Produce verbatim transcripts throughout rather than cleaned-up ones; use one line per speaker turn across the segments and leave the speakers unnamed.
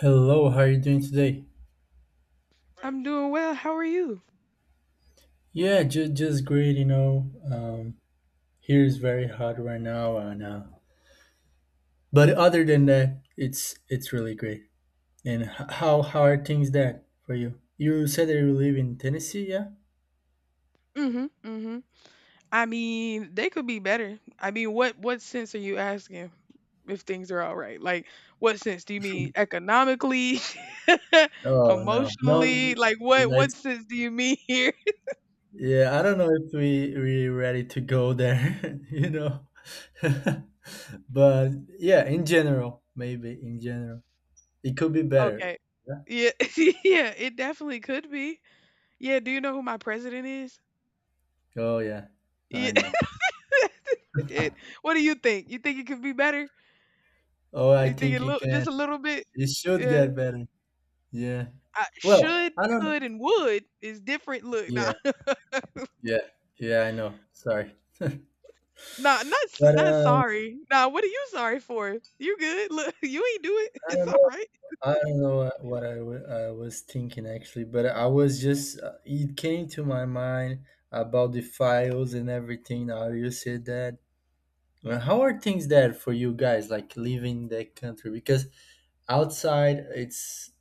Hello, how are you doing today?
I'm doing well. How are you?
Yeah, just just great, you know. Um, here is very hot right now, and uh, but other than that, it's it's really great. And h- how how are things that for you? You said that you live in Tennessee, yeah?
Mhm. Mhm. I mean, they could be better. I mean, what what sense are you asking if things are all right? Like what sense do you mean economically?
Oh no, no,
Emotionally? Like what what
let's.
sense do you mean here?
Yeah, I don't know if we we ready to go there, you know. But yeah, in general, maybe in general, it could be better.
Okay.
Yeah.
Yeah. Yeah, it definitely could be. Yeah, do you know who my president is?
Oh yeah, I
Yeah.
know.
It what do you think? You think it could be better?
Oh, I
You think it
think it
look just
can.
a little bit?
It should
Yeah.
get better. Yeah.
I
Well,
should,
I don't.
could, and would is different. Look, nah.
Yeah, yeah, yeah. I know. Sorry, but
Nah, not s- not
um,
sorry. Nah, what are you sorry for? You good? Look, you ain't do it.
I
It's
don't
all
know.
right.
I don't know what, what I wa- I was thinking actually, but I was just. Uh, it came to my mind about the files and everything. How you said that, Uh, how are things there for you guys, like leaving the country? Because outside, it's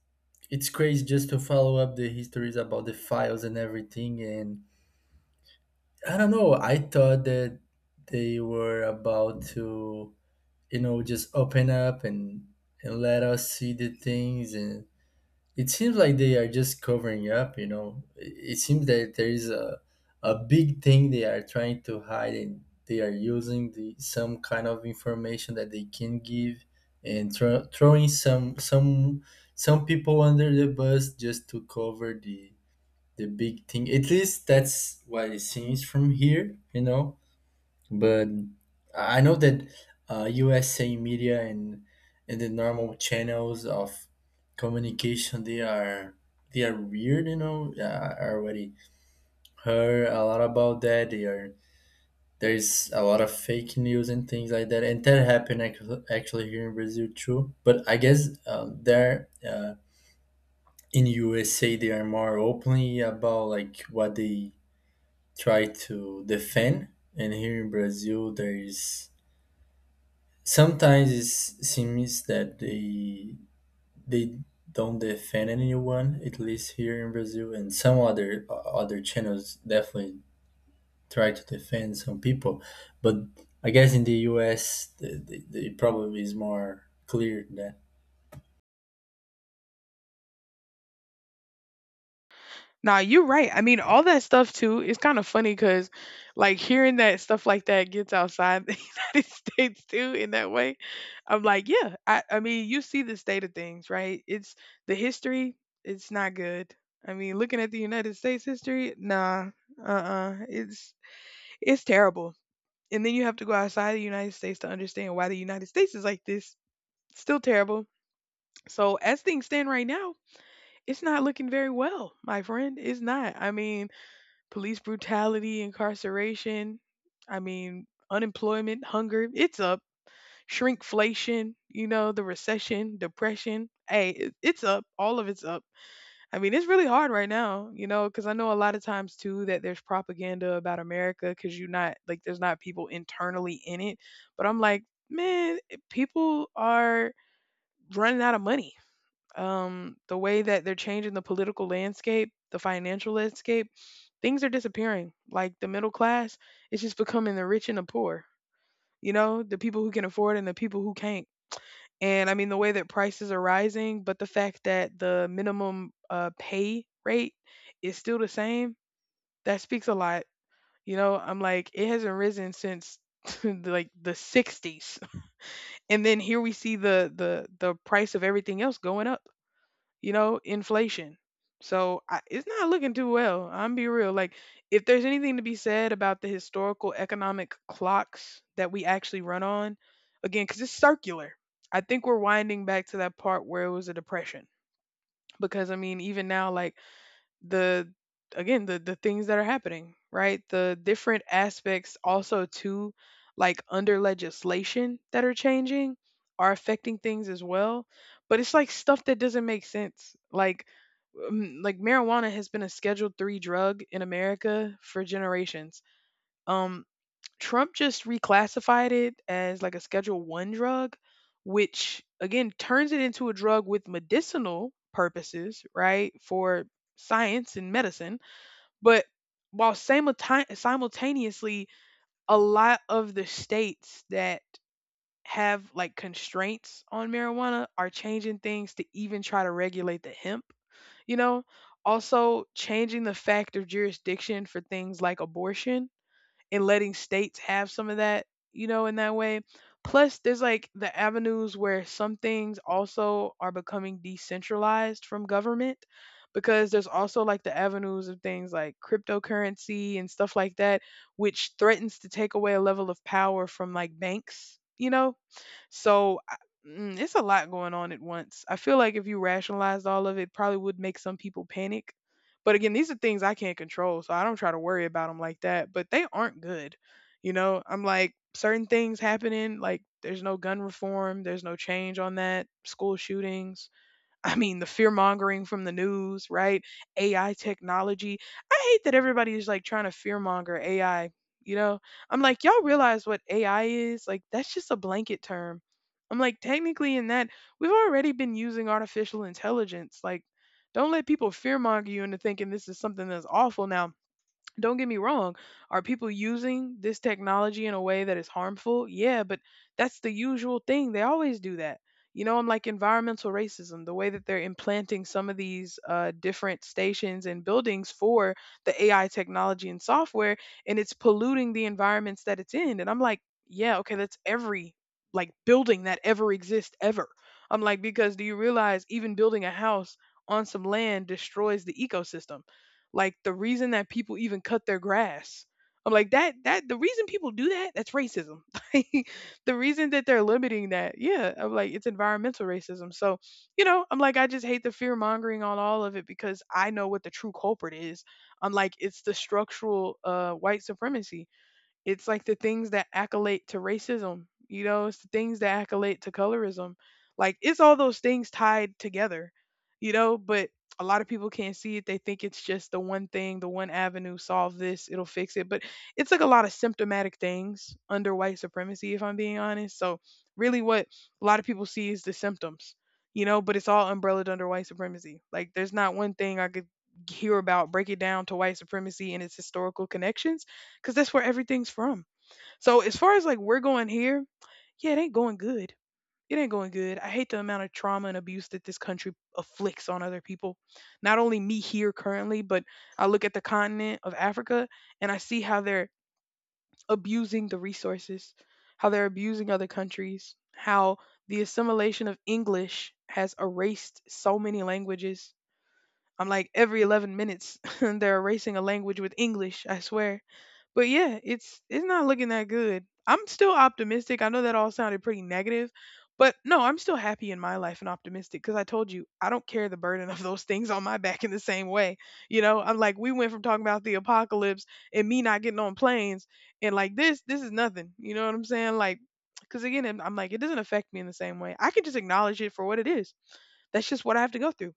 it's crazy just to follow up the histories about the files and everything. And I don't know. I thought that they were about to, you know, just open up and and let us see the things, and it seems like they are just covering up, you know. It it seems that there is a a big thing they are trying to hide, and they are using the some kind of information that they can give, and throw throwing some some some people under the bus just to cover the the big thing, at least that's what it seems from here, you know. But I know that uh, U S A media and and the normal channels of communication, they are they are weird, you know. Uh, I already heard a lot about that. They are there's a lot of fake news and things like that, and that happened ac- actually here in Brazil too. But I guess uh, there uh, in U S A they are more openly about like what they try to defend, and here in Brazil there is sometimes it seems that they they don't defend anyone, at least here in Brazil, and some other uh, other channels definitely try to defend some people. But I guess in the U S the, the, the probably is more clear that
Nah, you're right. I mean, all that stuff too. It's kind of funny because, like, hearing that stuff like that gets outside the United States too. In that way, I'm like, yeah. I I mean, you see the state of things, right? It's the history. It's not good. I mean, looking at the United States history, nah, uh, uh it's it's terrible. And then you have to go outside the United States to understand why the United States is like this. Still terrible. So, as things stand right now, it's not looking very well, my friend. It's not. I mean, police brutality, incarceration, I mean, unemployment, hunger, it's up. Shrinkflation, you know, the recession, depression. Hey, it- it's up. All of it's up. I mean, it's really hard right now, you know, because I know a lot of times too that there's propaganda about America because you're not like there's not people internally in it. But I'm like, man, eh, people are running out of money. Um, the way that they're changing the political landscape, the financial landscape, things are disappearing. Like the middle class is just becoming the rich and the poor, you know, the people who can afford and the people who can't. And I mean, the way that prices are rising, but the fact that the minimum uh, pay rate is still the same, that speaks a lot. You know, I'm like, it hasn't risen since like the sixties. And then here we see the the the price of everything else going up, you know, inflation. So I, it's not looking too well. I'm be real. Like if there's anything to be said about the historical economic clocks that we actually run on, again, because it's circular. I think we're winding back to that part where it was a depression. Because I mean, even now, like the again the the things that are happening, right, the different aspects also too, like under legislation that are changing are affecting things as well, but it's like stuff that doesn't make sense. Like um, like marijuana has been a scheduled three drug in America for generations. um Trump just reclassified it as like a Schedule one drug, which again turns it into a drug with medicinal purposes, right? For science and medicine, but while simulti- simultaneously a lot of the states that have like constraints on marijuana are changing things to even try to regulate the hemp, you know? Also changing the fact of jurisdiction for things like abortion and letting states have some of that, you know, in that way. Plus, there's like the avenues where some things also are becoming decentralized from government because there's also like the avenues of things like cryptocurrency and stuff like that, which threatens to take away a level of power from like banks, you know? So I- mm, it's a lot going on at once. I feel like if you rationalized all of it, probably would make some people panic. But again, these are things I can't control, so I don't try to worry about them like that. But they aren't good. You know, I'm like certain things happening, like there's no gun reform, there's no change on that, school shootings, I mean, the fear mongering from the news, right? A I technology. I hate that everybody is like trying to fear monger A I. You know, I'm like, y'all realize what A I is? Like, that's just a blanket term. I'm like, technically, in that, we've already been using artificial intelligence. Like, don't let people fear monger you into thinking this is something that's awful now. Don't get me wrong, are people using this technology in a way that is harmful? Yeah, but that's the usual thing, they always do that. You know, I'm like, environmental racism, the way that they're implanting some of these uh, different stations and buildings for the AI technology and software, and it's polluting the environments that it's in, and I'm like, yeah, okay, that's every like building that ever exists ever. I'm like, because do you realize even building a house on some land destroys the ecosystem? Like the reason that people even cut their grass. I'm like that that the reason people do that, that's racism. Like the reason that they're limiting that, yeah, I'm like it's environmental racism. So, you know, I'm like I just hate the fear mongering on all of it because I know what the true culprit is. I'm like it's the structural uh white supremacy. It's like the things that accolade to racism, you know, it's the things that accolade to colorism. Like it's all those things tied together, you know, but a lot of people can't see it. They think it's just the one thing, the one avenue, solve this, it'll fix it. But it's like a lot of symptomatic things under white supremacy, if I'm being honest. So really what a lot of people see is the symptoms, you know, but it's all umbrellaed under white supremacy. Like there's not one thing I could hear about, break it down to white supremacy and its historical connections because that's where everything's from. So as far as like we're going here, yeah, it ain't going good. It ain't going good. I hate the amount of trauma and abuse that this country afflicts on other people. Not only me here currently, but I look at the continent of Africa and I see how they're abusing the resources, how they're abusing other countries, how the assimilation of English has erased so many languages. I'm like every eleven minutes they're erasing a language with English, I swear. But yeah, it's it's not looking that good. I'm still optimistic. I know that all sounded pretty negative, but no, I'm still happy in my life and optimistic because I told you I don't carry the burden of those things on my back in the same way. You know, I'm like we went from talking about the apocalypse and me not getting on planes and like this this is nothing. You know what I'm saying? Like because again, I'm I'm like it doesn't affect me in the same way. I can just acknowledge it for what it is. That's just what I have to go through,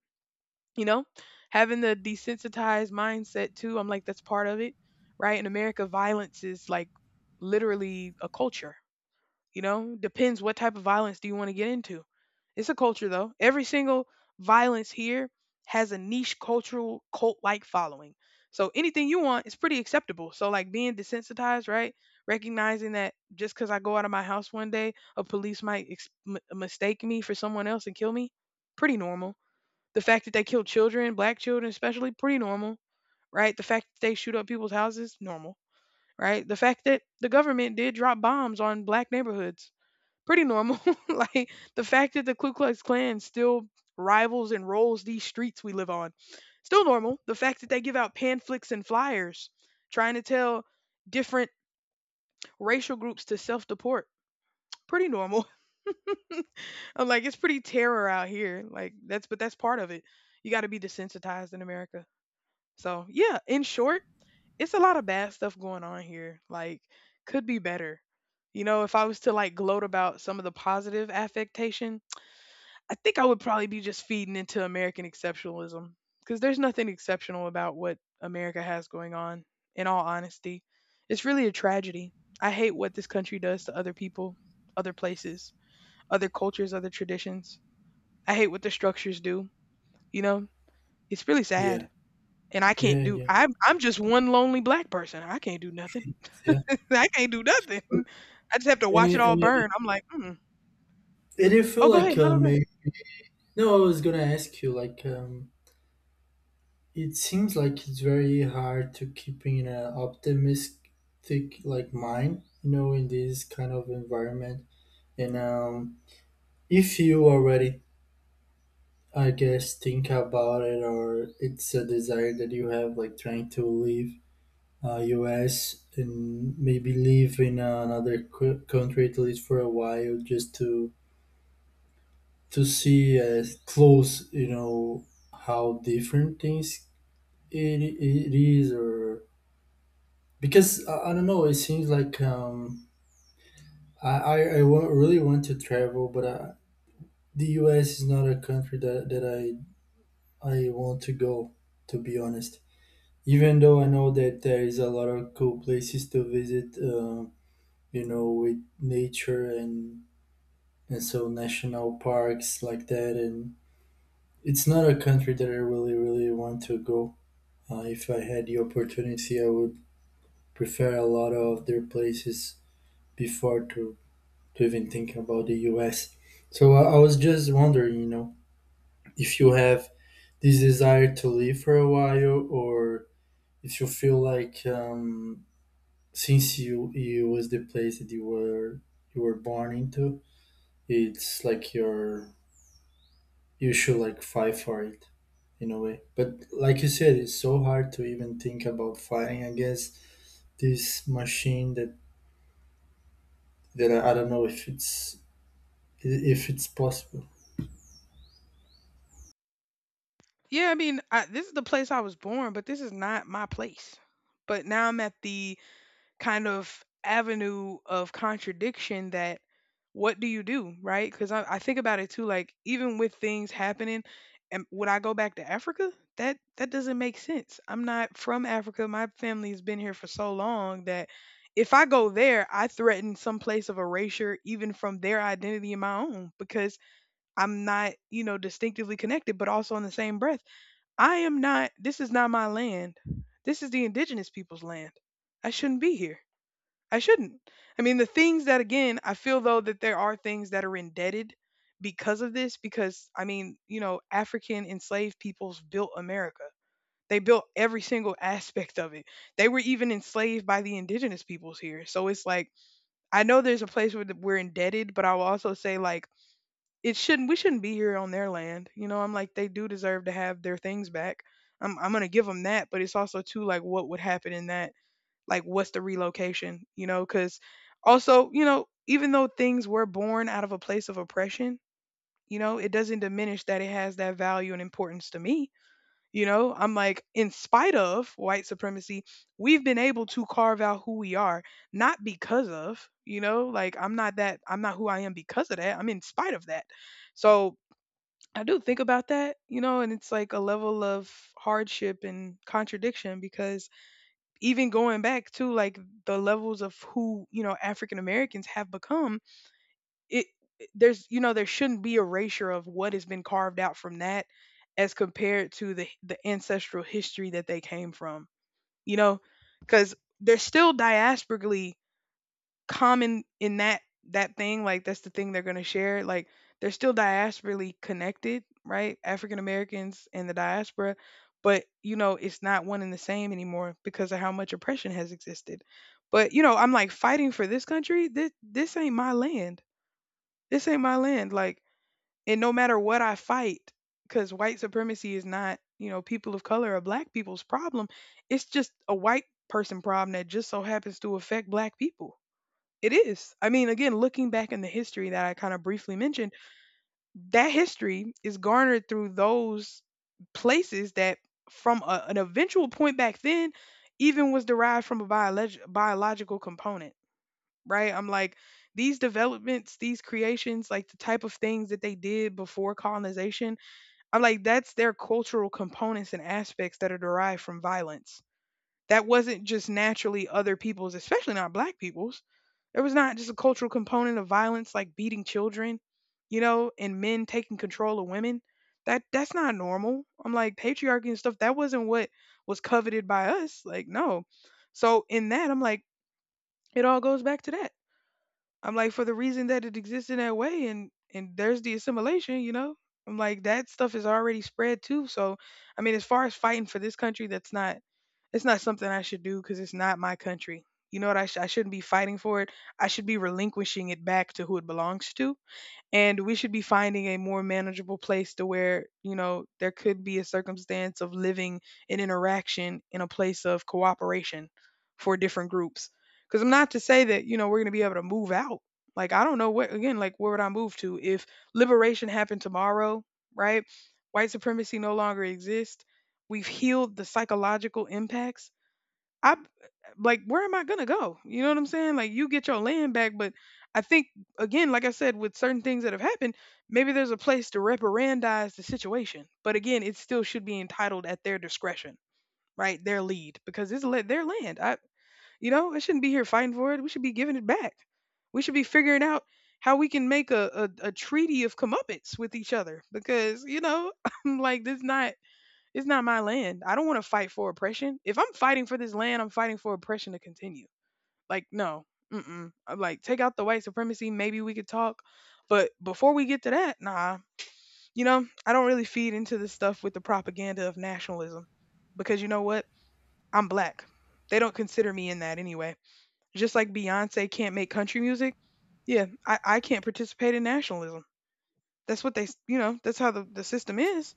you know, having the desensitized mindset too. I'm like that's part of it, right? In America, violence is like literally a culture. You know, depends what type of violence do you want to get into. It's a culture though. Every single violence here has a niche cultural cult like following. So anything you want is pretty acceptable. So like being desensitized, right, recognizing that just because I go out of my house one day a police might ex- m- mistake me for someone else and kill me, pretty normal. The fact that they kill children, black children especially, pretty normal, right? The fact that they shoot up people's houses, normal, right? The fact that the government did drop bombs on black neighborhoods, pretty normal. Like the fact that the Ku Klux Klan still rivals and rolls these streets we live on, still normal. The fact that they give out pamphlets and flyers trying to tell different racial groups to self deport, pretty normal. I'm like, it's pretty terror out here. Like that's, but that's part of it. You got to be desensitized in America. So yeah, in short, it's a lot of bad stuff going on here. Like could be better. You know, if I was to like gloat about some of the positive affectation, I think I would probably be just feeding into American exceptionalism because there's nothing exceptional about what America has going on, in all honesty. It's really a tragedy. I hate what this country does to other people, other places, other cultures, other traditions. I hate what the structures do. You know, it's really
yeah,
sad. And I can't
yeah,
do,
yeah,
I'm I'm just one lonely black person. I can't do nothing.
yeah.
I can't do nothing. I just have to
And
watch
you,
it all
and you,
burn. I'm like, "Mm.
and you feel
Oh, go ahead.
like
No,
uh,
no, go ahead."
maybe no, I was gonna ask you like um, it seems like it's very hard to keep in an optimistic like mind, you know, in this kind of environment. And um, if you already, I guess, think about it, or it's a desire that you have, like trying to leave uh, U S and maybe live in another cou- country at least for a while, just to to see as close, you know, how different things it, it is or because I, I don't know, it seems like um i i, I wa- really want to travel, but uh, the us is not a country that, that I I want to go, to be honest, even though I know that there is a lot of cool places to visit, uh, you know, with nature and and so national parks like that. And it's not a country that I really really want to go, uh, if I had the opportunity I would prefer a lot of their places before to to even think about the U S. So I, I was just wondering, you know, if you have this desire to live for a while, or if you feel like um, since you you was the place that you were you were born into, it's like your you should like fight for it in a way. But like you said, it's so hard to even think about fighting against this machine that that I I don't know if it's if it's possible.
Yeah, I mean, I this is the place I was born, but this is not my place. But now I'm at the kind of avenue of contradiction. That what do you do, right? Because I, I think about it too, like even with things happening and would I go back to Africa? That that doesn't make sense. I'm not from Africa. My family has been here for so long that if I go there I threaten some place of erasure even from their identity and my own, because I'm not, you know, distinctively connected, but also in the same breath I am not. This is not my land. This is the indigenous people's land. I shouldn't be here. I shouldn't. I mean, the things that, again, I feel though that there are things that are indebted because of this, because, I mean, you know, African enslaved peoples built America. They built every single aspect of it. They were even enslaved by the indigenous peoples here. So it's like, I know there's a place where th- we're indebted, but I will also say, like, it shouldn't, we shouldn't be here on their land. You know, I'm like, they do deserve to have their things back. I'm, I'm going to give them that, but it's also, too, like, what would happen in that, like what's the relocation? You know, because also, you know, even though things were born out of a place of oppression, you know, it doesn't diminish that it has that value and importance to me. You know, I'm like, in spite of white supremacy, we've been able to carve out who we are, not because of, you know, like i'm not that I'm not who I am because of that. I'm in spite of that. So I do think about that, you know, and it's like a level of hardship and contradiction, because even going back to like the levels of who, you know, African Americans have become, it, there's, you know, there shouldn't be erasure of what has been carved out from that as compared to the the ancestral history that they came from. You know, because they're still diasporically common in that, that thing like that's the thing they're going to share. Like they're still diasporally connected, right? African Americans and the diaspora. But you know, it's not one and the same anymore because of how much oppression has existed. But you know, I'm like, fighting for this country, this this ain't my land. This ain't my land. Like, and no matter what I fight, because white supremacy is not, you know, people of color or black people's problem. It's just a white person problem that just so happens to affect black people. It is. I mean, again, looking back in the history that I kind of briefly mentioned, that history is garnered through those places that from a, an eventual point back then even was derived from a biolog- biological component. Right, I'm like, these developments, these creations, like the type of things that they did before colonization, I'm like, that's their cultural components and aspects that are derived from violence. That wasn't just naturally other people's, especially not black people's. There was not just a cultural component of violence like beating children, you know, and men taking control of women. That that's not normal. I'm like, patriarchy and stuff, that wasn't what was coveted by us. Like, no. So in that I'm like, it all goes back to that. I'm like, for the reason that it exists in that way, and and there's the assimilation, you know. I'm like, that stuff is already spread too. So, I mean, as far as fighting for this country, that's not, it's not something I should do because it's not my country. You know what? I sh- I shouldn't be fighting for it. I should be relinquishing it back to who it belongs to, and we should be finding a more manageable place, to where you know there could be a circumstance of living, an interaction in a place of cooperation for different groups. Because I'm not to say that, you know, we're going to be able to move out. Like I don't know what, again, like where would I move to if liberation happened tomorrow? Right, white supremacy no longer exists, we've healed the psychological impacts, I, like where am I gonna go? You know what I'm saying? Like you get your land back, but I think, again, like I said, with certain things that have happened, maybe there's a place to reparandize the situation. But again, it still should be entitled at their discretion, right? Their lead, because it's le- their land. I, you know, I shouldn't be here fighting for it. We should be giving it back. We should be figuring out how we can make a, a, a treaty of comeuppance with each other, because you know, I'm like, this not, it's not my land. I don't want to fight for oppression. If I'm fighting for this land, I'm fighting for oppression to continue. Like, no, mm-mm. I'm like, take out the white supremacy. Maybe we could talk. But before we get to that, nah, you know, I don't really feed into this stuff with the propaganda of nationalism, because you know what? I'm black. They don't consider me in that anyway. Just like Beyonce can't make country music. Yeah, I, I can't participate in nationalism. That's what they, you know, that's how the, the system is.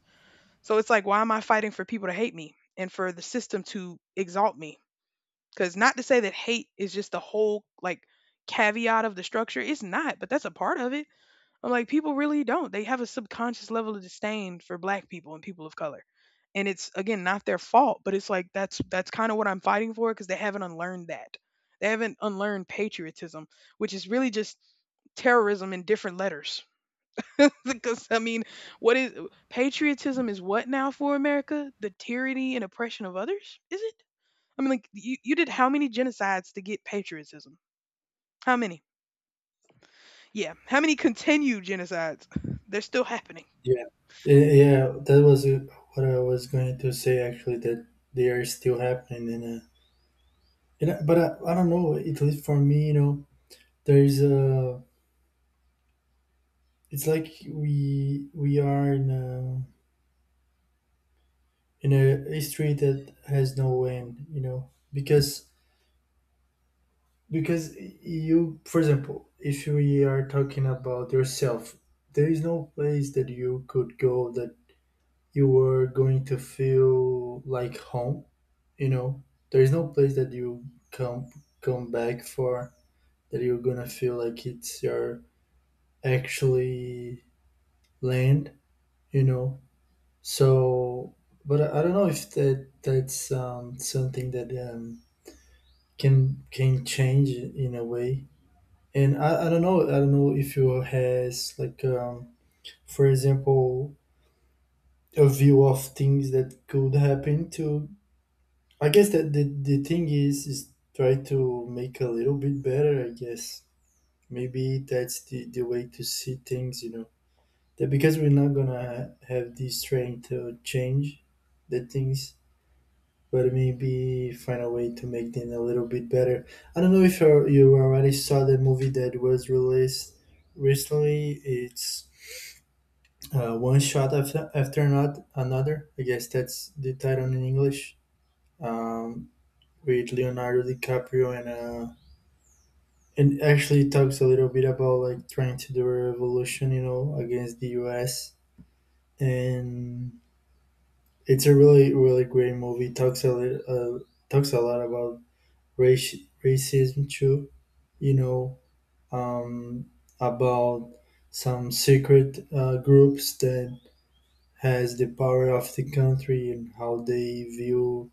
So it's like, why am I fighting for people to hate me and for the system to exalt me? Because not to say that hate is just the whole like caveat of the structure, it's not, but that's a part of it. I'm like, people really don't. They have a subconscious level of disdain for black people and people of color. And it's again not their fault, but it's like that's that's kind of what I'm fighting for because they haven't unlearned that. They haven't unlearned patriotism, which is really just terrorism in different letters. Because I mean, what is patriotism is what now for America? The tyranny and oppression of others, is it? I mean, like you, you did how many genocides to get patriotism? How many? Yeah, how many continued genocides? They're still happening.
Yeah, Eh, yeah, that was uh, what I was going to say actually. That they are still happening, and uh, and I- but I, I don't know. At least for me, you know, there's a. It's like we we are in a in a history that has no end, you know, because because you, for example, if we are talking about yourself, there is no place that you could go that you were going to feel like home. You know, there is no place that you come come back for that you're gonna feel like it's your actually land. You know, so but I, I don't know if that that's um, something that um, can can change in a way. And I, I don't know, I don't know if you has like um, for example a view of things that could happen to I guess that the, the thing is is try to make a little bit better, I guess. Maybe that's the, the way to see things, you know. That because we're not gonna have the strength to change the things, but maybe find a way to make them a little bit better. I don't know if you you already saw the movie that was released recently. It's uh, one shot after, after not another. I guess that's the title in English. Um, with Leonardo DiCaprio, and uh, and actually talks a little bit about like trying to do a revolution, you know, against the U S And it's a really really great movie. Talks a lit- uh, talks a lot about race racism too, you know, um, about some secret uh, groups that has the power of the country and how they view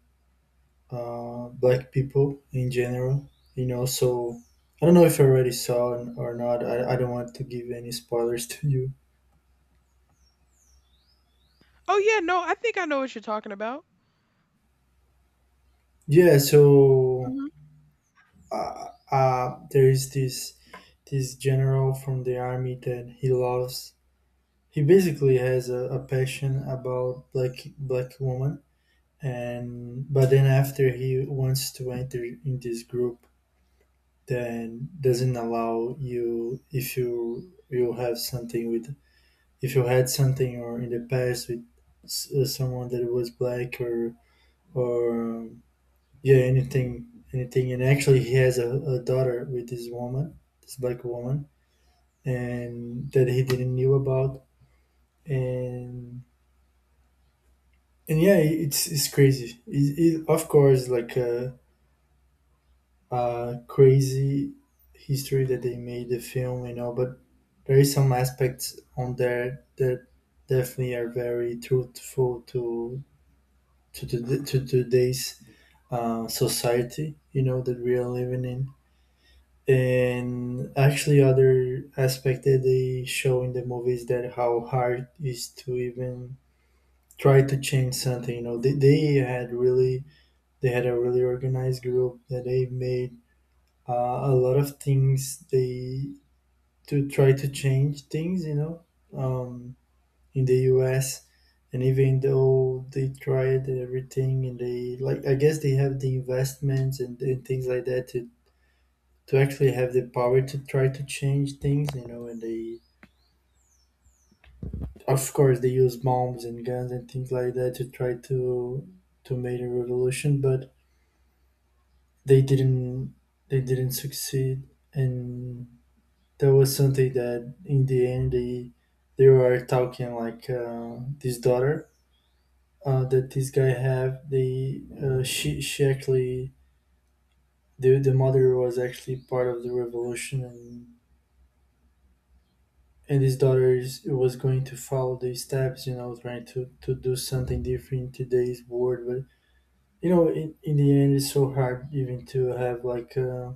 uh, black people in general, you know. So I don't know if you already saw it or not, I, I don't want to give any spoilers to you.
Oh yeah, no, I think I know what you're talking about.
Yeah, so
Hmm.
uh, uh, there is this this general from the army that he loves. He basically has a, a passion about black black woman. And but then after he wants to enter in this group, then doesn't allow you if you you have something with if you had something or in the past with s- uh, someone that was black or or um, yeah, anything anything. And actually he has a, a daughter with this woman, this black woman, and that he didn't knew about. and and yeah, it's it's crazy, it, it, of course like a, a crazy history that they made the film, you know. But there is some aspects on there that definitely are very truthful to to, to, to today's uh, society, you know, that we are living in. And actually other aspect that they show in the movie is that how hard it is to even try to change something, you know. they, they had really they had a really organized group that they made uh, a lot of things they to try to change things, you know, um, in the U S. And even though they tried everything, and they like, I guess they have the investments and, and things like that to, to actually have the power to try to change things, you know. And they, of course, they use bombs and guns and things like that to try to to make a revolution, but they didn't they didn't succeed. And that was something that in the end they they were talking like uh, this daughter uh, that this guy have, they uh, she she actually the the mother was actually part of the revolution, and and his daughter is, was going to follow these steps, you know, trying to to do something different in today's world. But you know, in, in the end it's so hard even to have like a,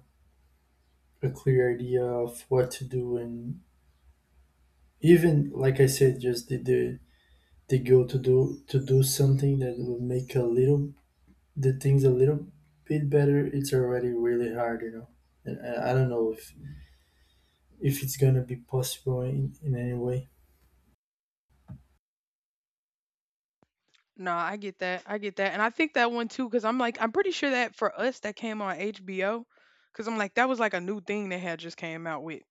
a clear idea of what to do. And even like I said, just the the, the go to do to do something that will make a little the things a little bit better, it's already really hard, you know. And I I don't know if if it's gonna be possible in, in any way.
No, I get that. I get that, and I think that one too, because I'm like, I'm pretty sure that for us that came on H B O, because I'm like, that was like a new thing they had just came out with,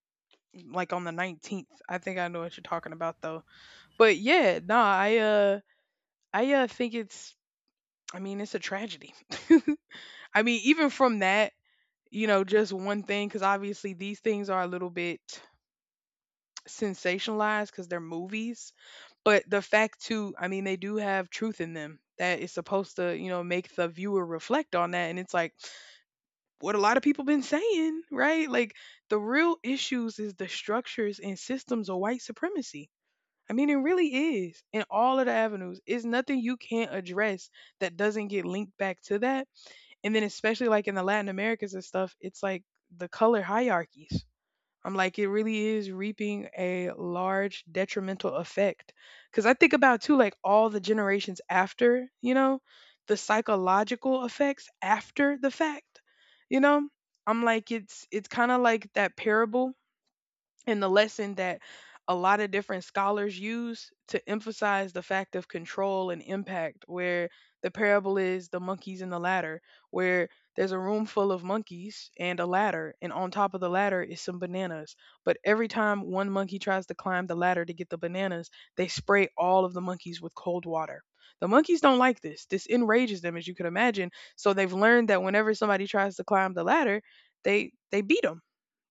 like on the nineteenth. I think I know what you're talking about though. But yeah, nah, I uh I uh think it's, I mean, it's a tragedy. I mean, even from that, you know, just one thing cuz obviously these things are a little bit sensationalized cuz they're movies, but the fact too, I mean, they do have truth in them that is supposed to, you know, make the viewer reflect on that, and it's like what a lot of people been saying, right? Like the real issues is the structures and systems of white supremacy. I mean, it really is in all of the avenues. It's nothing you can't address that doesn't get linked back to that. And then, especially like in the Latin Americas and stuff, it's like the color hierarchies. I'm like, it really is reaping a large detrimental effect. Cause I think about too, like all the generations after, you know, the psychological effects after the fact, you know, I'm like, it's, it's kind of like that parable and the lesson that a lot of different scholars use to emphasize the fact of control and impact, where the parable is the monkeys and the ladder, where there's a room full of monkeys and a ladder, and on top of the ladder is some bananas. But every time one monkey tries to climb the ladder to get the bananas, they spray all of the monkeys with cold water. The monkeys don't like this this enrages them, as you could imagine. So they've learned that whenever somebody tries to climb the ladder, they they beat 'em,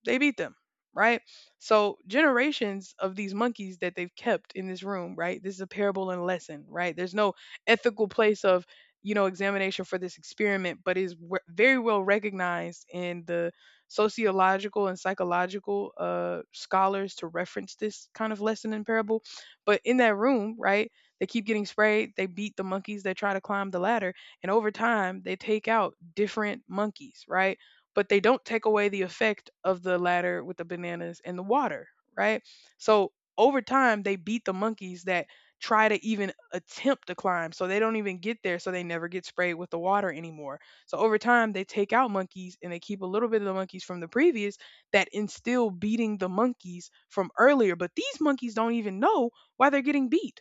they beat them, right? So generations of these monkeys that they've kept in this room, right? This is a parable and a lesson, right? There's no ethical place of, you know, examination for this experiment, but is w- very well recognized in the sociological and psychological uh, scholars to reference this kind of lesson and parable. But in that room, right? They keep getting sprayed. They beat the monkeys that try to climb the ladder. And over time, they take out different monkeys, right? But they don't take away the effect of the ladder with the bananas and the water, right? So over time, they beat the monkeys that try to even attempt to climb. So they don't even get there. So they never get sprayed with the water anymore. So over time, they take out monkeys and they keep a little bit of the monkeys from the previous that instill beating the monkeys from earlier. But these monkeys don't even know why they're getting beat.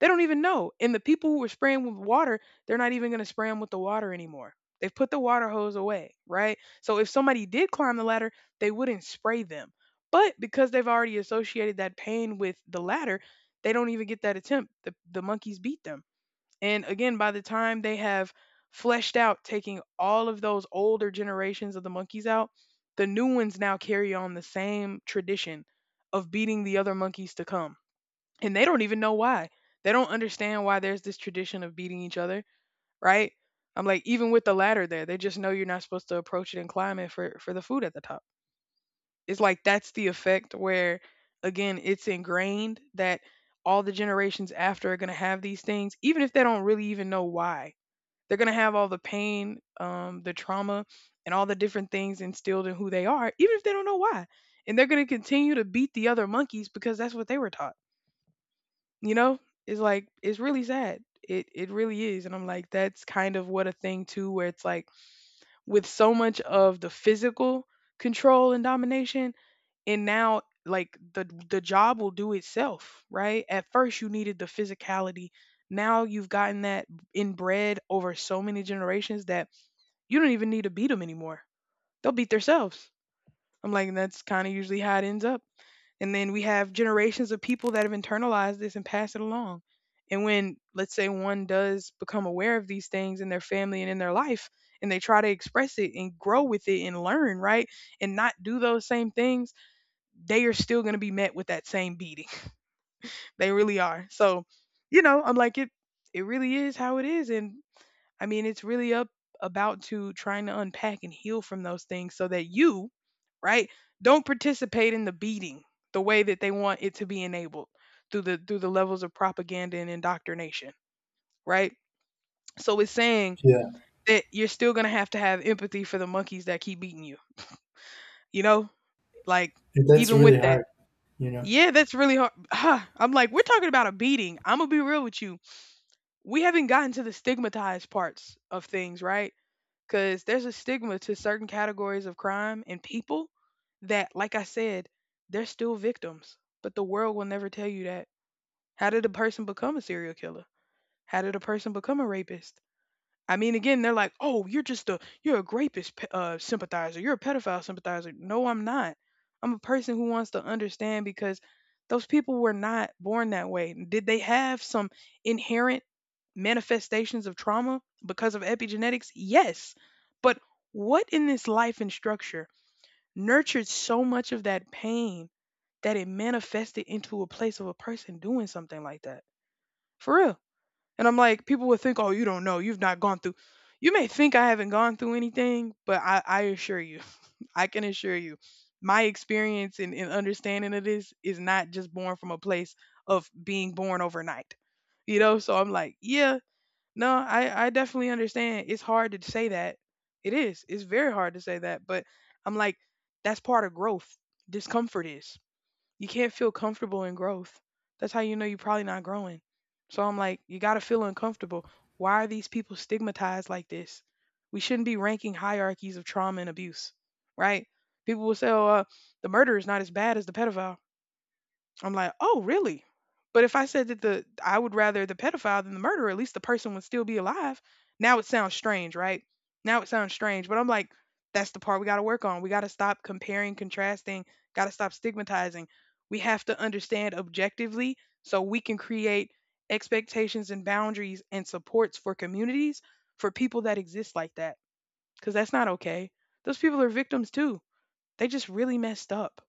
They don't even know. And the people who were spraying with water, they're not even going to spray them with the water anymore. They've put the water hose away, right? So if somebody did climb the ladder, they wouldn't spray them. But because they've already associated that pain with the ladder, they don't even get that attempt. The, the monkeys beat them. And again, by the time they have fleshed out, taking all of those older generations of the monkeys out, the new ones now carry on the same tradition of beating the other monkeys to come. And they don't even know why. They don't understand why there's this tradition of beating each other, right? I'm like, even with the ladder there, they just know you're not supposed to approach it and climb it for for the food at the top. It's like that's the effect where, again, it's ingrained that all the generations after are gonna have these things, even if they don't really even know why. They're gonna have all the pain, um, the trauma, and all the different things instilled in who they are, even if they don't know why. And they're gonna continue to beat the other monkeys because that's what they were taught. You know, it's like it's really sad. It it really is, and I'm like, that's kind of what a thing too, where it's like with so much of the physical control and domination, and now like the the job will do itself, right? At first you needed the physicality. Now you've gotten that inbred over so many generations that you don't even need to beat them anymore. They'll beat themselves. I'm like, and that's kind of usually how it ends up. And then we have generations of people that have internalized this and pass it along. And when, let's say, one does become aware of these things in their family and in their life, and they try to express it and grow with it and learn, right? And not do those same things, they are still going to be met with that same beating. They really are. So, you know, I'm like, it, it really is how it is. And I mean, it's really up about to trying to unpack and heal from those things so that you, right, don't participate in the beating the way that they want it to be enabled through the through the levels of propaganda and indoctrination, right? So it's saying
Yeah,
that you're still going to have to have empathy for the monkeys that keep beating you. You know? Like
and that's
even with
really
that.
hard, you know.
Yeah, that's really hard. Huh. I'm like, we're talking about a beating. I'm going to be real with you. We haven't gotten to the stigmatized parts of things, right? Because there's a stigma to certain categories of crime and people that, like I said, they're still victims, but the world will never tell you that. How did a person become a serial killer? How did a person become a rapist? I mean, again, they're like, "Oh, you're just a you're a rapist pe- uh, sympathizer. You're a pedophile sympathizer." No, I'm not. I'm a person who wants to understand, because those people were not born that way. Did they have some inherent manifestations of trauma because of epigenetics? Yes. But what in this life and structure nurtured so much of that pain that it manifested into a place of a person doing something like that? For real. And I'm like, people would think, oh, you don't know. You've not gone through. You may think I haven't gone through anything, but I, I assure you, I can assure you, my experience and, and understanding of this is not just born from a place of being born overnight. You know, so I'm like, yeah, no, I, I definitely understand. It's hard to say that. It is. It's very hard to say that. But I'm like, that's part of growth. Discomfort is you can't feel comfortable in growth. That's how you know you're probably not growing. So I'm like, you got to feel uncomfortable. Why are these people stigmatized like this? We shouldn't be ranking hierarchies of trauma and abuse, right? People will say, oh, uh, the murderer is not as bad as the pedophile. I'm like, oh, really? But if I said that the I would rather the pedophile than the murderer, at least the person would still be alive. Now it sounds strange, right? Now it sounds strange, but I'm like, that's the part we got to work on. We got to stop comparing, contrasting, got to stop stigmatizing. We have to understand objectively so we can create expectations and boundaries and supports for communities for people that exist like that, because that's not okay. Those people are victims too. They just really messed up,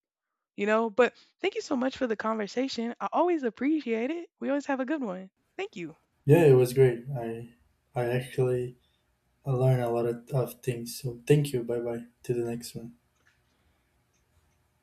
you know? But thank you so much for the conversation. I always appreciate it. We always have a good one. Thank you.
Yeah, it was great. I I actually learned a lot of, of things. So thank you. Bye bye. To the next one.